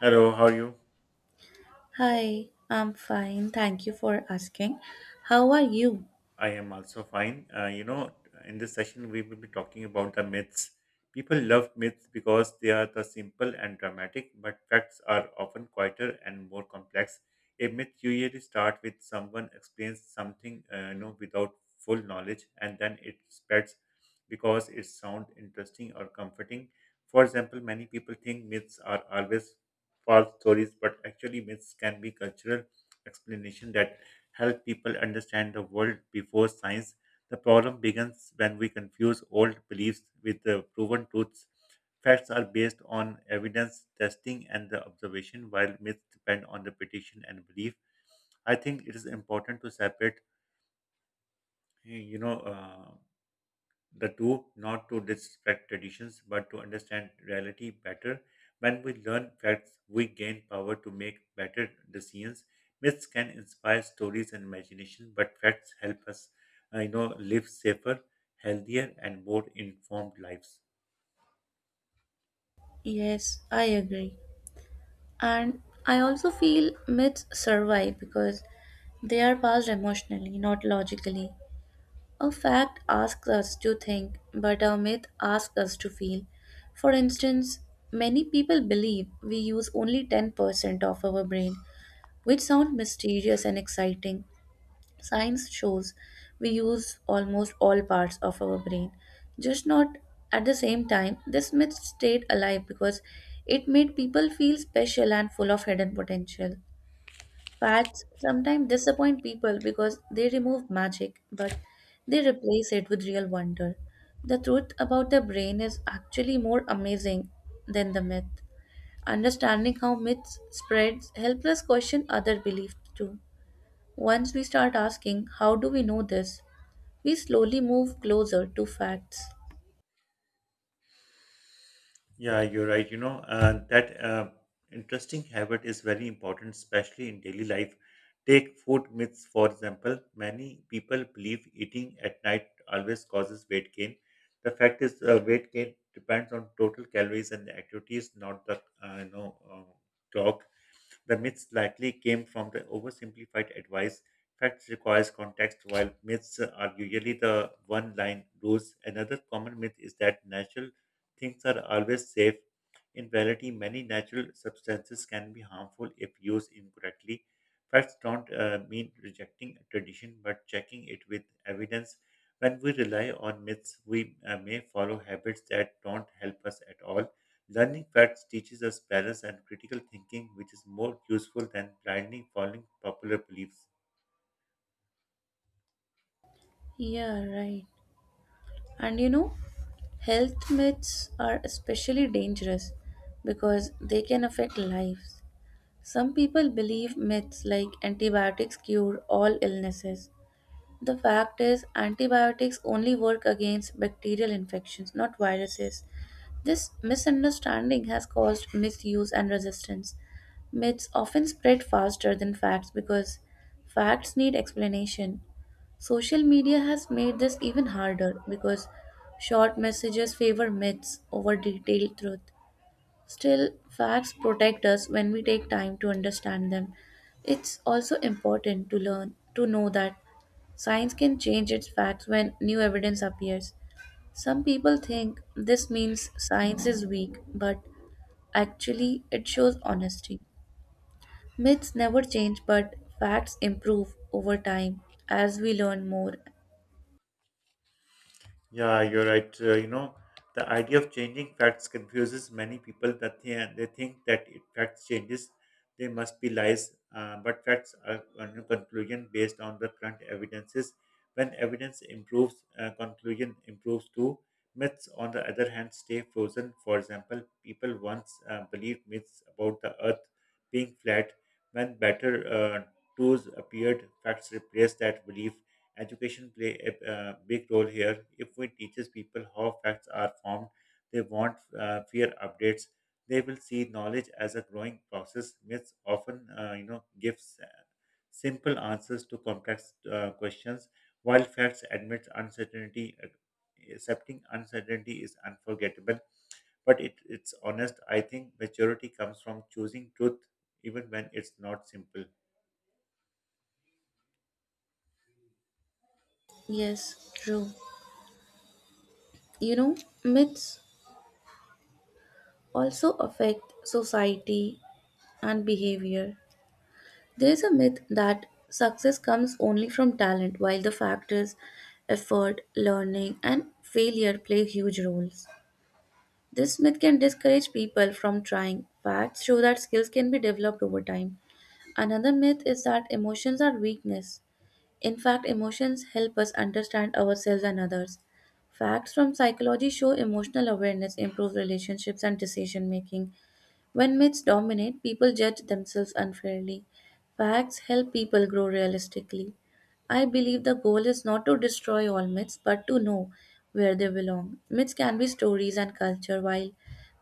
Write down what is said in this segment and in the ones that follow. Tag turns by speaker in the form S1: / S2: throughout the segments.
S1: Hello, how are you?
S2: Hi, I'm fine. Thank you for asking. How are you?
S1: I am also fine. In this session, we will be talking about the myths. People love myths because they are the simple and dramatic, but facts are often quieter and more complex. A myth usually starts with someone explains something, without full knowledge, and then it spreads because it sounds interesting or comforting. For example, many people think myths are always false stories, but actually, myths can be cultural explanation that help people understand the world before science. The problem begins when we confuse old beliefs with the proven truths. Facts are based on evidence, testing, and the observation, while myths depend on the prediction and belief. I think it is important to separate, you know. Uh, the two, not to disrespect traditions but to understand reality better. When we learn facts, we gain power to make better decisions. Myths can inspire stories and imagination, but facts help us, live safer, healthier, and more informed lives.
S2: Yes, I agree. And I also feel myths survive because they are passed emotionally, not logically. A fact asks us to think, but a myth asks us to feel. For instance, many people believe we use only 10% of our brain, which sounds mysterious and exciting. Science shows we use almost all parts of our brain, just not at the same time. This myth stayed alive because it made people feel special and full of hidden potential. Facts sometimes disappoint people because they remove magic, but they replace it with real wonder. The truth about the brain is actually more amazing than the myth. Understanding how myths spreads helps us question other beliefs too. Once we start asking, how do we know this? We slowly move closer to facts.
S1: Yeah, you're right. You know, that Interesting habit is very important, especially in daily life. Take food myths, for example. Many people believe eating at night always causes weight gain. The fact is, weight gain depends on total calories and activities, not the clock. The myths likely came from the oversimplified advice. Facts requires context, while myths are usually the one-line rules. Another common myth is that natural things are always safe. In reality, many natural substances can be harmful if used incorrectly. Facts don't mean rejecting a tradition, but checking it with evidence. When we rely on myths, we may follow habits that don't help us at all. Learning facts teaches us balance and critical thinking, which is more useful than blindly following popular beliefs.
S2: Yeah, right. And health myths are especially dangerous because they can affect lives. Some people believe myths like antibiotics cure all illnesses. The fact is, antibiotics only work against bacterial infections, not viruses. This misunderstanding has caused misuse and resistance. Myths often spread faster than facts because facts need explanation. Social media has made this even harder because short messages favor myths over detailed truth. Still, facts protect us when we take time to understand them. It's also important to learn to know that science can change its facts when new evidence appears. Some people think this means science is weak, but actually it shows honesty. Myths never change, but facts improve over time as we learn more.
S1: Yeah, you're right. The idea of changing facts confuses many people that they think that if facts changes, they must be lies. But facts are a new conclusion based on the current evidences. When evidence improves, conclusion improves too. Myths, on the other hand, stay frozen. For example, people once believed myths about the earth being flat. When better tools appeared, facts replaced that belief. Education play a big role here. If we teaches people how facts are formed, they won't fear updates. They will see knowledge as a growing process. Myths often, gives simple answers to complex questions, while facts admit uncertainty. Accepting uncertainty is unforgettable, but it's honest. I think maturity comes from choosing truth even when it's not simple.
S2: Yes, true. You know, myths also affect society and behavior. There is a myth that success comes only from talent, while the factors effort, learning, and failure play huge roles. This myth can discourage people from trying. Facts show that skills can be developed over time. Another myth is that emotions are weakness. In fact, emotions help us understand ourselves and others. Facts from psychology show emotional awareness improves relationships and decision making. When myths dominate, people judge themselves unfairly. Facts help people grow realistically. I believe the goal is not to destroy all myths, but to know where they belong. Myths can be stories and culture, while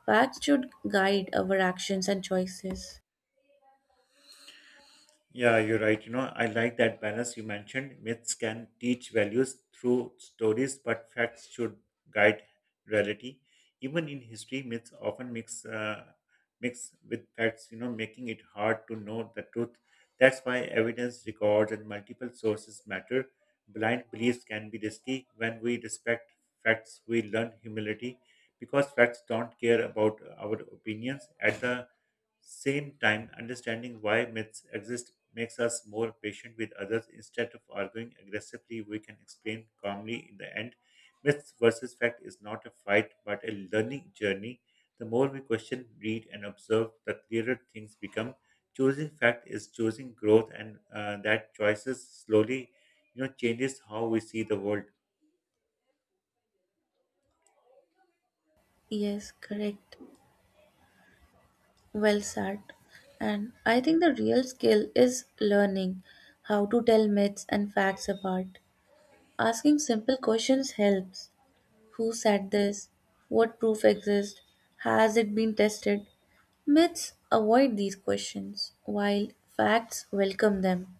S2: facts should guide our actions and choices.
S1: Yeah, you're right. You know, I like that balance you mentioned. Myths can teach values through stories, but facts should guide reality. Even in history, myths often mix with facts, you know, making it hard to know the truth. That's why evidence, records, and multiple sources matter. Blind beliefs can be risky. When we respect facts, we learn humility, because facts don't care about our opinions. At the same time, understanding why myths exist makes us more patient with others. Instead of arguing aggressively, we can explain calmly in the end. Myths versus fact is not a fight, but a learning journey. The more we question, read, and observe, the clearer things become. Choosing fact is choosing growth, and that choices slowly, you know, changes how we see the world.
S2: Yes, correct. Well said. And I think the real skill is learning how to tell myths and facts apart. Asking simple questions helps. Who said this? What proof exists? Has it been tested? Myths avoid these questions, while facts welcome them.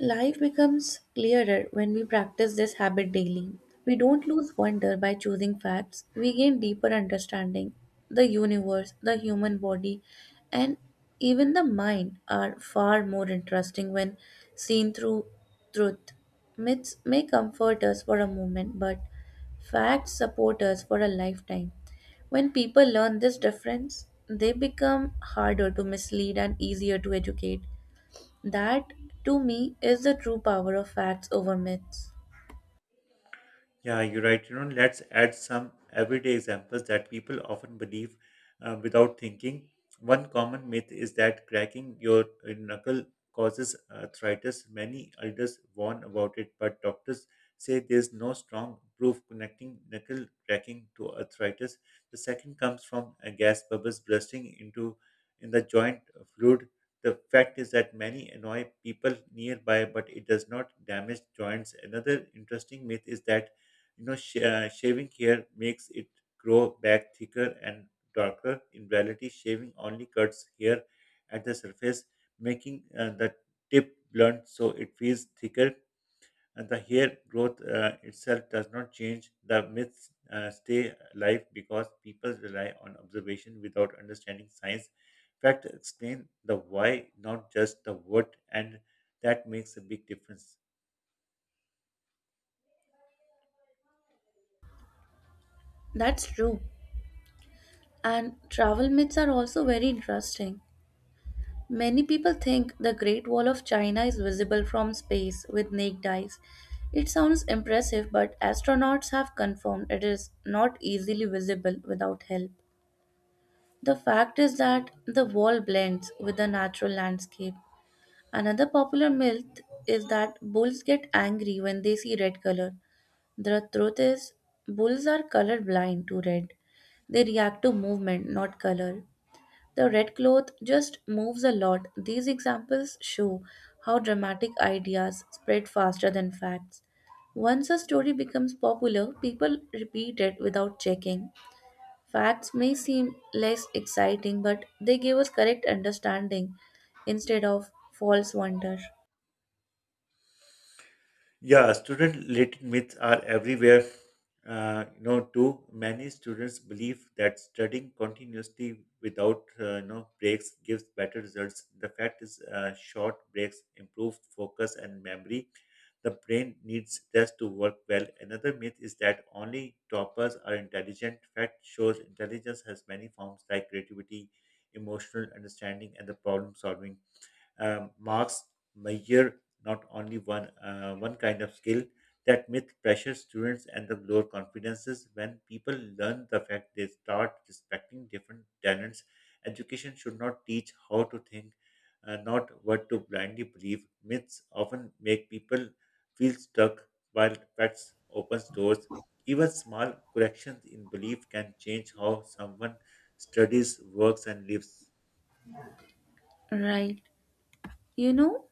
S2: Life becomes clearer when we practice this habit daily. We don't lose wonder by choosing facts, we gain deeper understanding. The universe, the human body, and even the mind are far more interesting when seen through truth. Myths may comfort us for a moment, but facts support us for a lifetime. When people learn this difference, they become harder to mislead and easier to educate. That, to me, is the true power of facts over myths.
S1: Yeah, you're right. You know, let's add some everyday examples that people often believe without thinking. One common myth is that cracking your knuckle causes arthritis. Many elders warn about it, but doctors say there's no strong proof connecting knuckle cracking to arthritis. The second comes from gas bubbles bursting into in the joint fluid. The fact is that many annoy people nearby, but it does not damage joints. Another interesting myth is that shaving hair makes it grow back thicker and darker. In reality, shaving only cuts hair at the surface, making the tip blunt, so it feels thicker, and the hair growth itself does not change. The myths stay alive because people rely on observation without understanding science. Fact explain the why, not just the what, and that makes a big difference.
S2: That's true. And travel myths are also very interesting. Many people think the Great Wall of China is visible from space with naked eyes. It sounds impressive, but astronauts have confirmed it is not easily visible without help. The fact is that the wall blends with the natural landscape. Another popular myth is that bulls get angry when they see red color. The truth is, bulls are color blind to red. They react to movement, not color. The red cloth just moves a lot. These examples show how dramatic ideas spread faster than facts. Once a story becomes popular, people repeat it without checking. Facts may seem less exciting, but they give us correct understanding instead of false wonder.
S1: Yeah, student-related myths are everywhere. Too many students believe that studying continuously without breaks gives better results. The fact is, short breaks improve focus and memory. The brain needs rest to work well. Another myth is that only toppers are intelligent. Fact shows intelligence has many forms like creativity, emotional understanding, and the problem solving. Marks measure not only one kind of skill. That myth pressures students and the lower confidences. When people learn the fact, they start respecting different talents. Education should not teach how to think, not what to blindly believe. Myths often make people feel stuck, while facts opens doors. Even small corrections in belief can change how someone studies, works, and lives.
S2: Right. You know,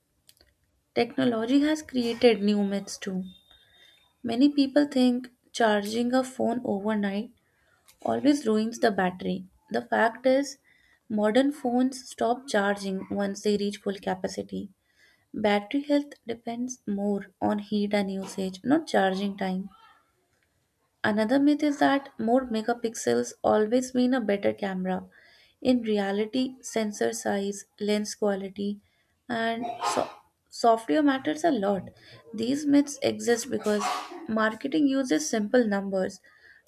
S2: technology has created new myths too. Many people think charging a phone overnight always ruins the battery. The fact is, modern phones stop charging once they reach full capacity. Battery health depends more on heat and usage, not charging time. Another myth is that more megapixels always mean a better camera. In reality, sensor size, lens quality, and so- software matters a lot. These myths exist because marketing uses simple numbers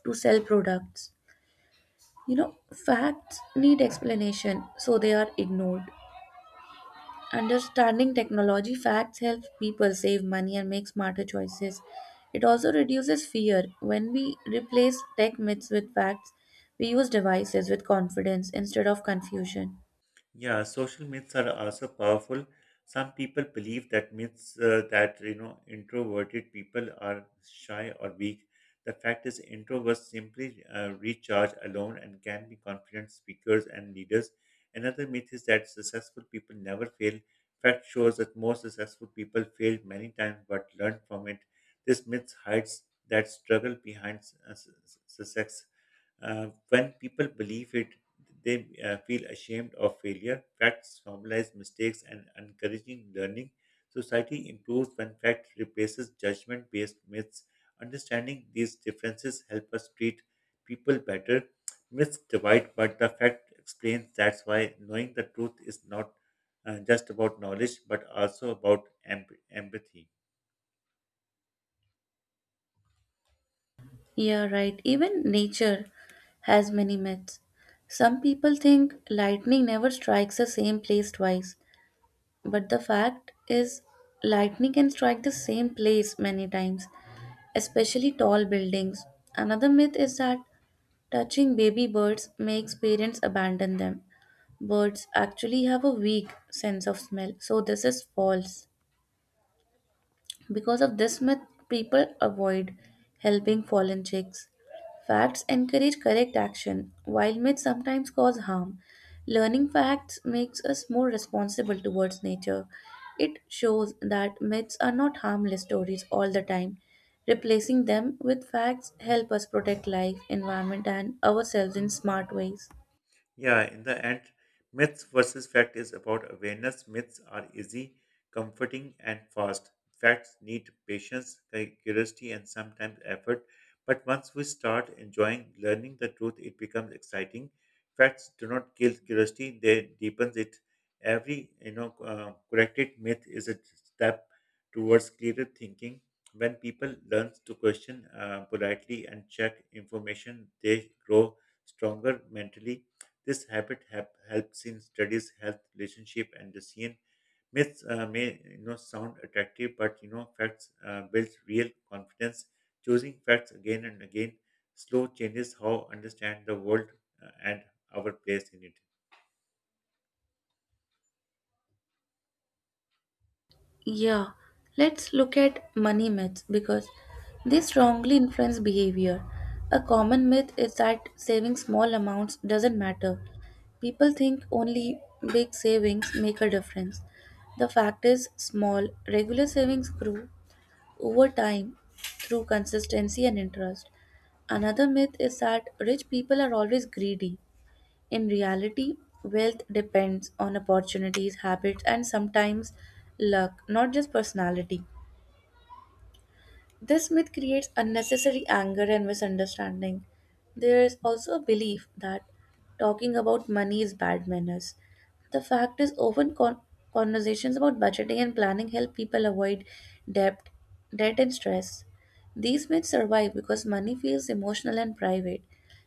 S2: to sell products. You know, facts need explanation, so they are ignored. Understanding technology facts helps people save money and make smarter choices. It also reduces fear. When we replace tech myths with facts, we use devices with confidence instead of confusion.
S1: Yeah, social myths are also powerful. Some people believe that introverted people are shy or weak. The fact is, introverts simply recharge alone and can be confident speakers and leaders. Another myth is that successful people never fail. Fact shows that most successful people failed many times but learned from it. This myth hides that struggle behind success. When people believe it, they feel ashamed of failure. Facts normalize mistakes and encouraging learning. Society improves when fact replaces judgment based myths. Understanding these differences help us treat people better. Myths divide, but the fact explains. That's why knowing the truth is not just about knowledge, but also about empathy.
S2: Yeah, right. Even nature has many myths. Some people think lightning never strikes the same place twice, but the fact is, lightning can strike the same place many times, especially tall buildings. Another myth is that touching baby birds makes parents abandon them. Birds actually have a weak sense of smell, so this is false. Because of this myth, people avoid helping fallen chicks. Facts encourage correct action, while myths sometimes cause harm. Learning facts makes us more responsible towards nature. It shows that myths are not harmless stories all the time. Replacing them with facts help us protect life, environment and ourselves in smart ways.
S1: Yeah, in the end, myths versus fact is about awareness. Myths are easy, comforting, and fast. Facts need patience, curiosity, and sometimes effort. But once we start enjoying learning the truth, it becomes exciting. Facts do not kill curiosity; they deepens it. Every corrected myth is a step towards clearer thinking. When people learn to question politely and check information, they grow stronger mentally. This habit helps in studies, health, relationship, and resilience. Myths may, you know, sound attractive, but, you know, facts builds real confidence. Choosing facts again and again slow changes how understand the world, and our place in it.
S2: Yeah, let's look at money myths because they strongly influence behavior. A common myth is that saving small amounts doesn't matter. People think only big savings make a difference. The fact is, small, regular savings grow over time through consistency and interest. Another myth is that rich people are always greedy. In reality, wealth depends on opportunities, habits, and sometimes luck, not just personality. This myth creates unnecessary anger and misunderstanding. There is also a belief that talking about money is bad manners. The fact is, often conversations about budgeting and planning help people avoid debt, debt and stress. These myths survive because money feels emotional and private.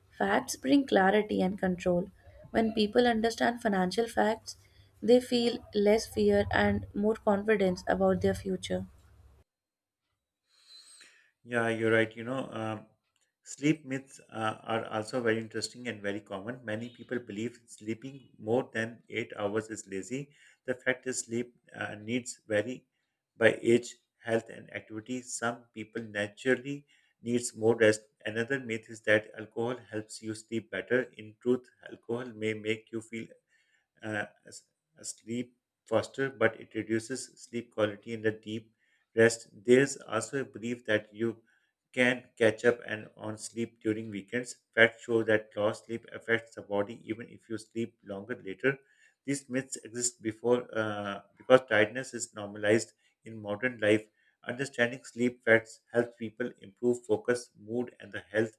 S2: Facts bring clarity and control. When people understand financial facts, they feel less fear and more confidence about their future.
S1: Yeah, you're right. Sleep myths are also very interesting and very common. Many people believe sleeping more than 8 hours is lazy. The fact is, sleep needs vary by age, health, and activity. Some people naturally needs more rest. Another myth is that alcohol helps you sleep better. In truth, alcohol may make you feel uh, s- sleep faster, but it reduces sleep quality in the deep rest. There's also a belief that you can catch up and on sleep during weekends. Facts show that lost sleep affects the body even if you sleep longer later. These myths exist before because tiredness is normalized in modern life. Understanding sleep facts helps people improve focus, mood, and the health.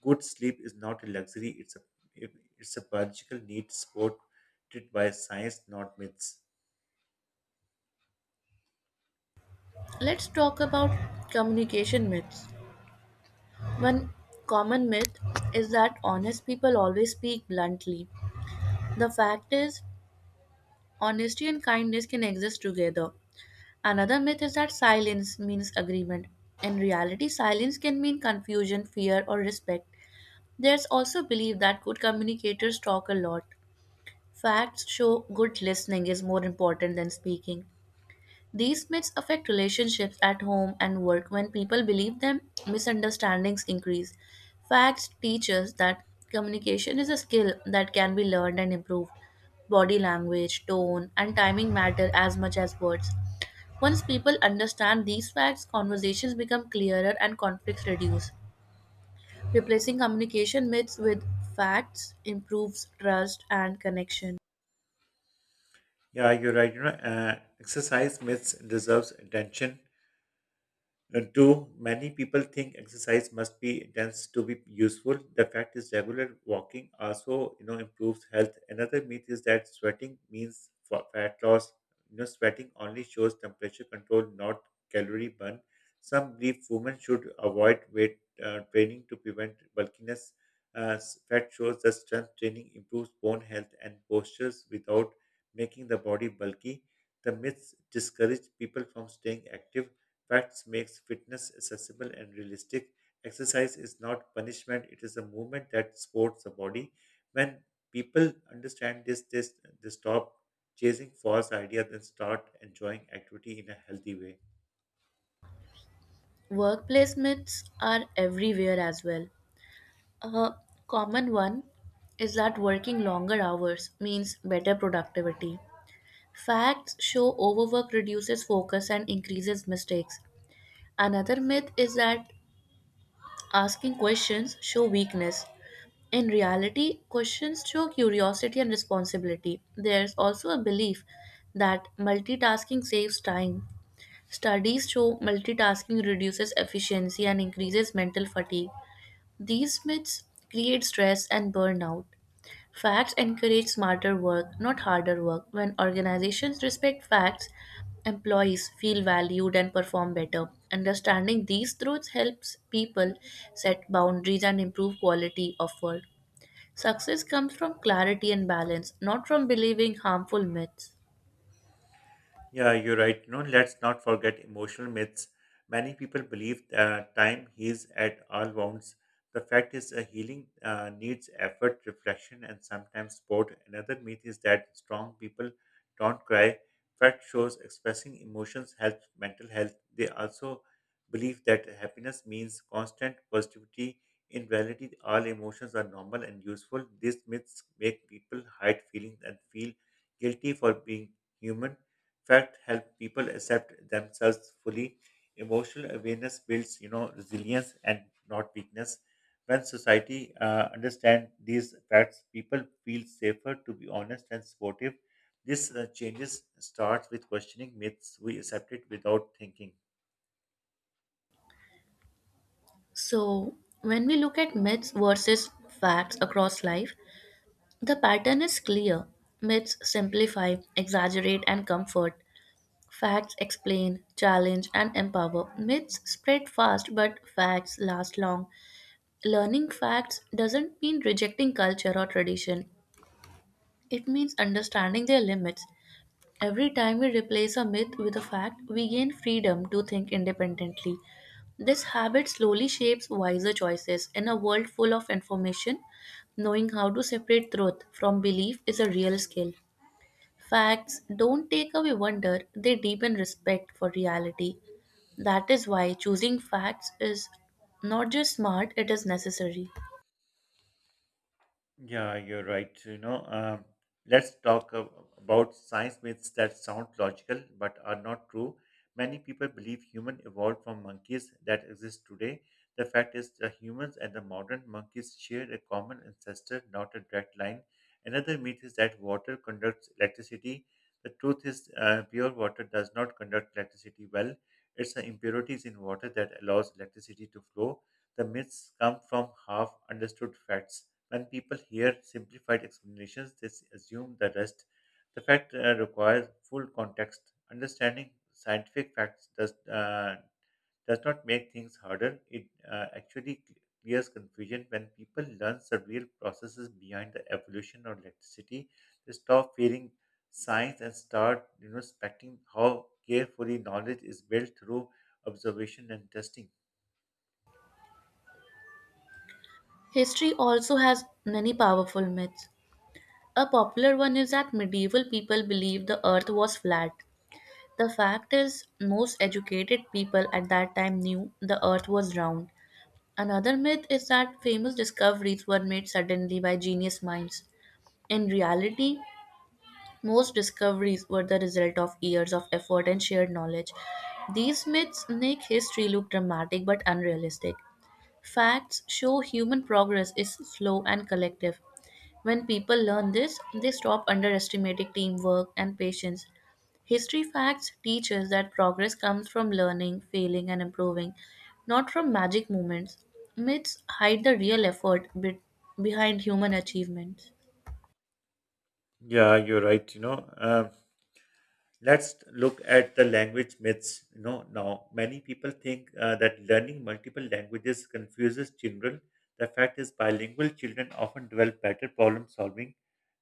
S1: Good sleep is not a luxury; it's a biological need. Sport it by science, not myths.
S2: Let's talk about communication myths. One common myth is that honest people always speak bluntly. The fact is, honesty and kindness can exist together. Another myth is that silence means agreement. In reality, silence can mean confusion, fear, or respect. There's also belief that good communicators talk a lot. Facts show good listening is more important than speaking. These myths affect relationships at home and work. When people believe them, misunderstandings increase. Facts teach us that communication is a skill that can be learned and improved. Body language, tone, and timing matter as much as words. Once people understand these facts, conversations become clearer and conflicts reduce. Replacing communication myths with facts improves trust and connection.
S1: Yeah, you're right. Exercise myths deserves attention. Two, many people think exercise must be intense to be useful. The fact is regular walking also, you know, improves health. Another myth is that sweating means fat loss. You know, sweating only shows temperature control, not calorie burn. Some believe women should avoid weight training to prevent bulkiness. Fat shows that strength training improves bone health and postures without making the body bulky. The myths discourage people from staying active. Facts makes fitness accessible and realistic. Exercise is not punishment, it is a movement that supports the body. When people understand this they stop chasing false ideas and start enjoying activity in a healthy way.
S2: Workplace myths are everywhere as well. A common one is that working longer hours means better productivity. Facts show overwork reduces focus and increases mistakes. Another myth is that asking questions show weakness. In reality, questions show curiosity and responsibility. There's also a belief that multitasking saves time. Studies show multitasking reduces efficiency and increases mental fatigue. These myths create stress and burnout. Facts encourage smarter work, not harder work. When organizations respect facts, employees feel valued and perform better. Understanding these truths helps people set boundaries and improve quality of work. Success comes from clarity and balance, not from believing harmful myths.
S1: Yeah, you're right. You know, let's not forget emotional myths. Many people believe that time heals at all wounds. The fact is, a healing needs effort, reflection, and sometimes support. Another myth is that strong people don't cry. Fact shows expressing emotions helps mental health. They also believe that happiness means constant positivity. In reality, all emotions are normal and useful. These myths make people hide feelings and feel guilty for being human. Fact help people accept themselves fully. Emotional awareness builds, you know, resilience and not weakness. When society understand these facts, people feel safer to be honest and supportive. This changes starts with questioning myths we accept it without thinking.
S2: So, when we look at myths versus facts across life, the pattern is clear. Myths simplify, exaggerate, and comfort, facts explain, challenge, and empower. Myths spread fast, but facts last long. Learning facts doesn't mean rejecting culture or tradition, it means understanding their limits. Every time we replace a myth with a fact, we gain freedom to think independently. This habit slowly shapes wiser choices. In a world full of information, knowing how to separate truth from belief is a real skill. Facts don't take away wonder, they deepen respect for reality. That is why choosing facts is not just smart, it is necessary.
S1: Yeah, you're right. Let's talk about science myths that sound logical but are not true. Many people believe human evolved from monkeys that exist today. The fact is, the humans and the modern monkeys share a common ancestor, not a direct line. Another myth is that water conducts electricity. The truth is, pure water does not conduct electricity well. It's the impurities in water that allows electricity to flow. The myths come from half understood facts. When people hear simplified explanations, they assume the rest. The fact requires full context. Understanding scientific facts does not make things harder. It actually clears confusion. When people learn the real processes behind the evolution of electricity, they stop fearing science and start respecting how carefully knowledge is built through observation and testing.
S2: History also has many powerful myths. A popular one is that medieval people believed the earth was flat. The fact is, most educated people at that time knew the earth was round. Another myth is that famous discoveries were made suddenly by genius minds. In reality, most discoveries were the result of years of effort and shared knowledge. These myths make history look dramatic but unrealistic. Facts show human progress is slow and collective. When people learn this, they stop underestimating teamwork and patience. History facts teach us that progress comes from learning, failing, and improving, not from magic moments. Myths hide the real effort behind human achievements.
S1: Yeah, you're right. Let's look at the language myths, now many people think that learning multiple languages confuses children. The fact is bilingual children often develop better problem solving.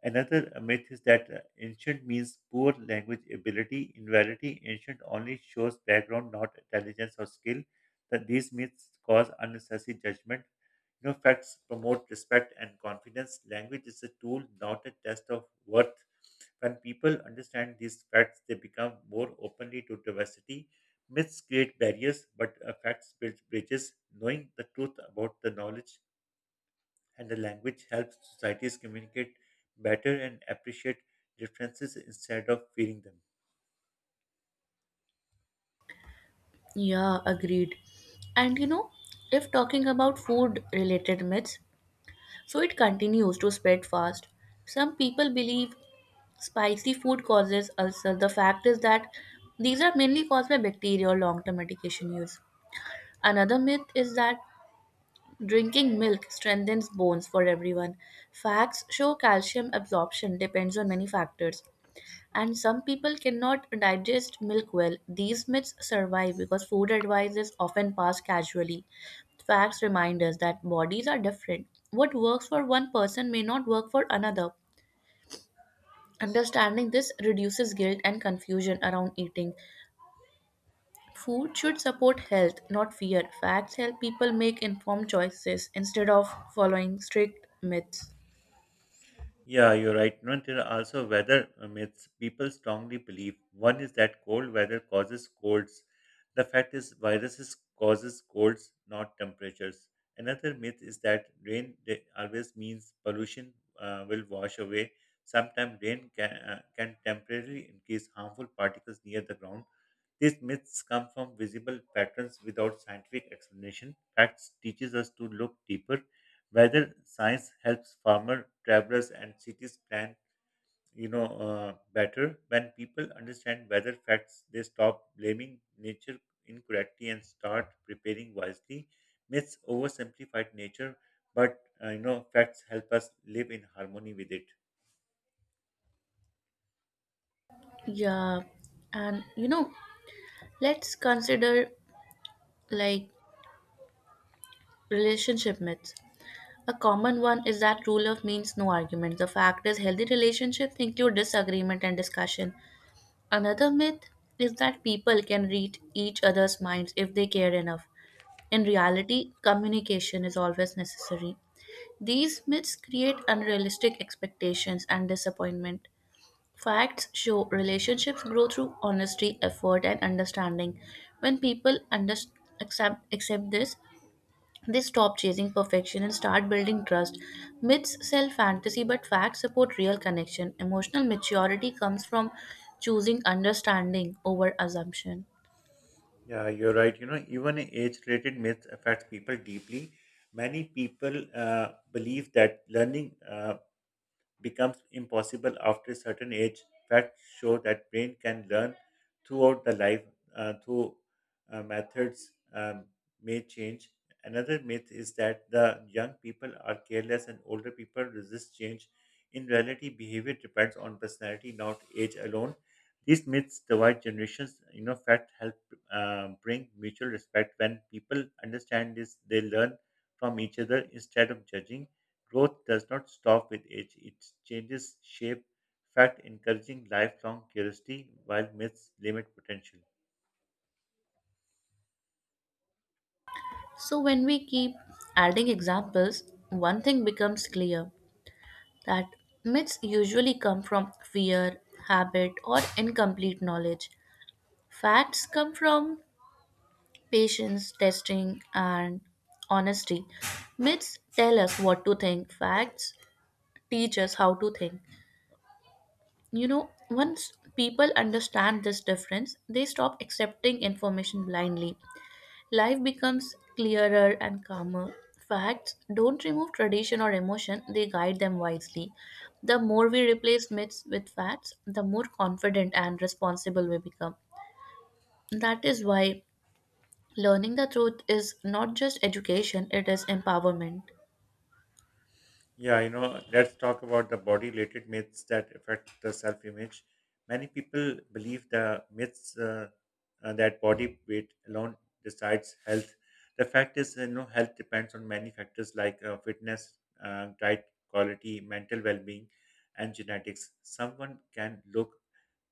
S1: Another myth is that ancient means poor language ability. In reality ancient only shows background, not intelligence or skill. That these myths cause unnecessary judgment. Facts promote respect and confidence. Language is a tool, not a test of worth. When people understand these facts, they become more openly to diversity. Myths create barriers, but facts build bridges. Knowing the truth about the knowledge and the language helps societies communicate better and appreciate differences instead of fearing them.
S2: Yeah, agreed. And if talking about food related myths, so it continues to spread fast. Some people believe spicy food causes ulcer. The fact is that these are mainly caused by bacteria or long term medication use. Another myth is that drinking milk strengthens bones for everyone. Facts show calcium absorption depends on many factors and some people cannot digest milk well. These myths survive because food advice is often passed casually. Facts remind us that bodies are different. What works for one person may not work for another. Understanding this reduces guilt and confusion around eating. Food should support health, not fear. Facts help people make informed choices instead of following strict myths.
S1: Yeah, you're right. No, and there are also weather myths people strongly believe. One is that cold weather causes colds. The fact is, viruses causes colds, not temperatures. Another myth is that always means pollution will wash away. Sometimes rain can temporarily increase harmful particles near the ground. These myths come from visible patterns without scientific explanation. Facts teaches us to look deeper. Whether science helps farmer, travelers, and cities plan, better. When people understand weather facts, they stop blaming nature incorrectly and start preparing wisely. Myths oversimplified nature, but facts help us live in harmony with it.
S2: Yeah, and let's consider like relationship myths. A common one is that rule of means no argument. The fact is, healthy relationships include disagreement and discussion. Another myth is that people can read each other's minds if they care enough. In reality, communication is always necessary. These myths create unrealistic expectations and disappointment. Facts show relationships grow through honesty, effort, and understanding. When people accept this, they stop chasing perfection and start building trust. Myths sell fantasy, but facts support real connection. Emotional maturity comes from choosing understanding over assumption.
S1: Yeah, you're right. You know, even age-related myths affect people deeply. Many people believe that learning becomes impossible after a certain age. Facts show that brain can learn throughout the life, through methods may change. Another myth is that the young people are careless and older people resist change. In reality, behavior depends on personality, not age alone. These myths divide generations. You know, fact help bring mutual respect. When people understand this, they learn from each other instead of judging. Growth does not stop with age, it changes shape, fact, encouraging lifelong curiosity while myths limit potential.
S2: So, when we keep adding examples, one thing becomes clear that myths usually come from fear, habit, or incomplete knowledge. Facts come from patience, testing, and honesty. Myths tell us what to think, facts teach us how to think. Once people understand this difference, they stop accepting information blindly. Life becomes clearer and calmer. Facts don't remove tradition or emotion, they guide them wisely. The more we replace myths with facts, the more confident and responsible we become. That is why learning the truth is not just education, it is empowerment.
S1: Yeah, you know, let's talk about the body related myths that affect the self image. Many people believe the myths that body weight alone decides health. The fact is, you know, health depends on many factors like fitness, diet quality, mental well being, and genetics. Someone can look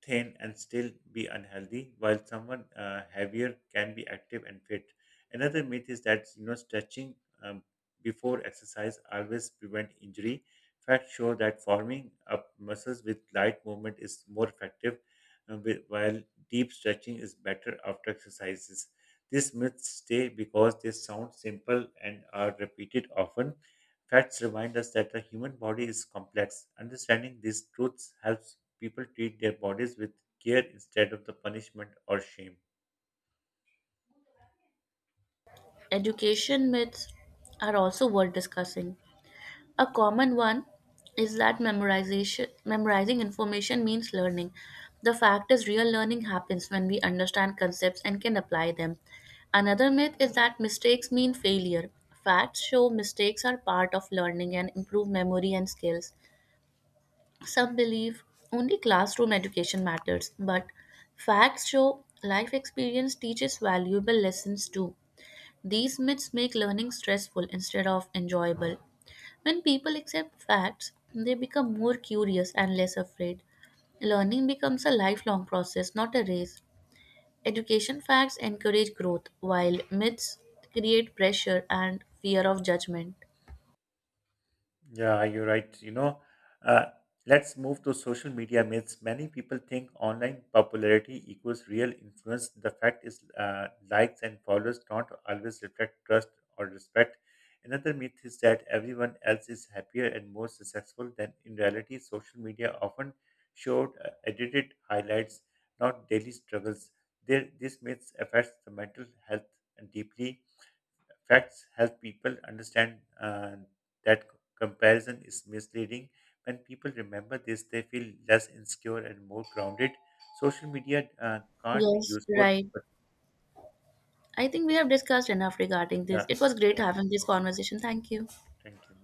S1: thin and still be unhealthy, while someone heavier can be active and fit. Another myth is that you know stretching um, before exercise always prevent injury. Facts show that forming up muscles with light movement is more effective, while deep stretching is better after exercises. These myths stay because they sound simple and are repeated often. Facts remind us that the human body is complex. Understanding these truths helps people treat their bodies with care instead of the punishment or shame.
S2: Education myths are also worth discussing. A common one is that memorizing information means learning. The fact is, real learning happens when we understand concepts and can apply them. Another myth is that mistakes mean failure. Facts show mistakes are part of learning and improve memory and skills. Some believe only classroom education matters, but facts show life experience teaches valuable lessons too. These myths make learning stressful instead of enjoyable. When people accept facts, they become more curious and less afraid. Learning becomes a lifelong process, not a race. Education facts encourage growth, while myths create pressure and fear of judgment.
S1: Yeah, you're right. Uh, let's move to social media myths. Many people think online popularity equals real influence. The fact is, likes and followers don't always reflect trust or respect. Another myth is that everyone else is happier and more successful than in reality. Social media often showed edited highlights, not daily struggles. There, this myth affects the mental health deeply. Facts help people understand that comparison is misleading. When people remember this, they feel less insecure and more grounded. Social media can't be
S2: Yes,
S1: useful,
S2: right.
S1: but
S2: I think we have discussed enough regarding this.
S1: yeah,
S2: It was great
S1: yeah,
S2: having
S1: thank
S2: this
S1: you.
S2: conversation. Thank you.
S1: Thank you.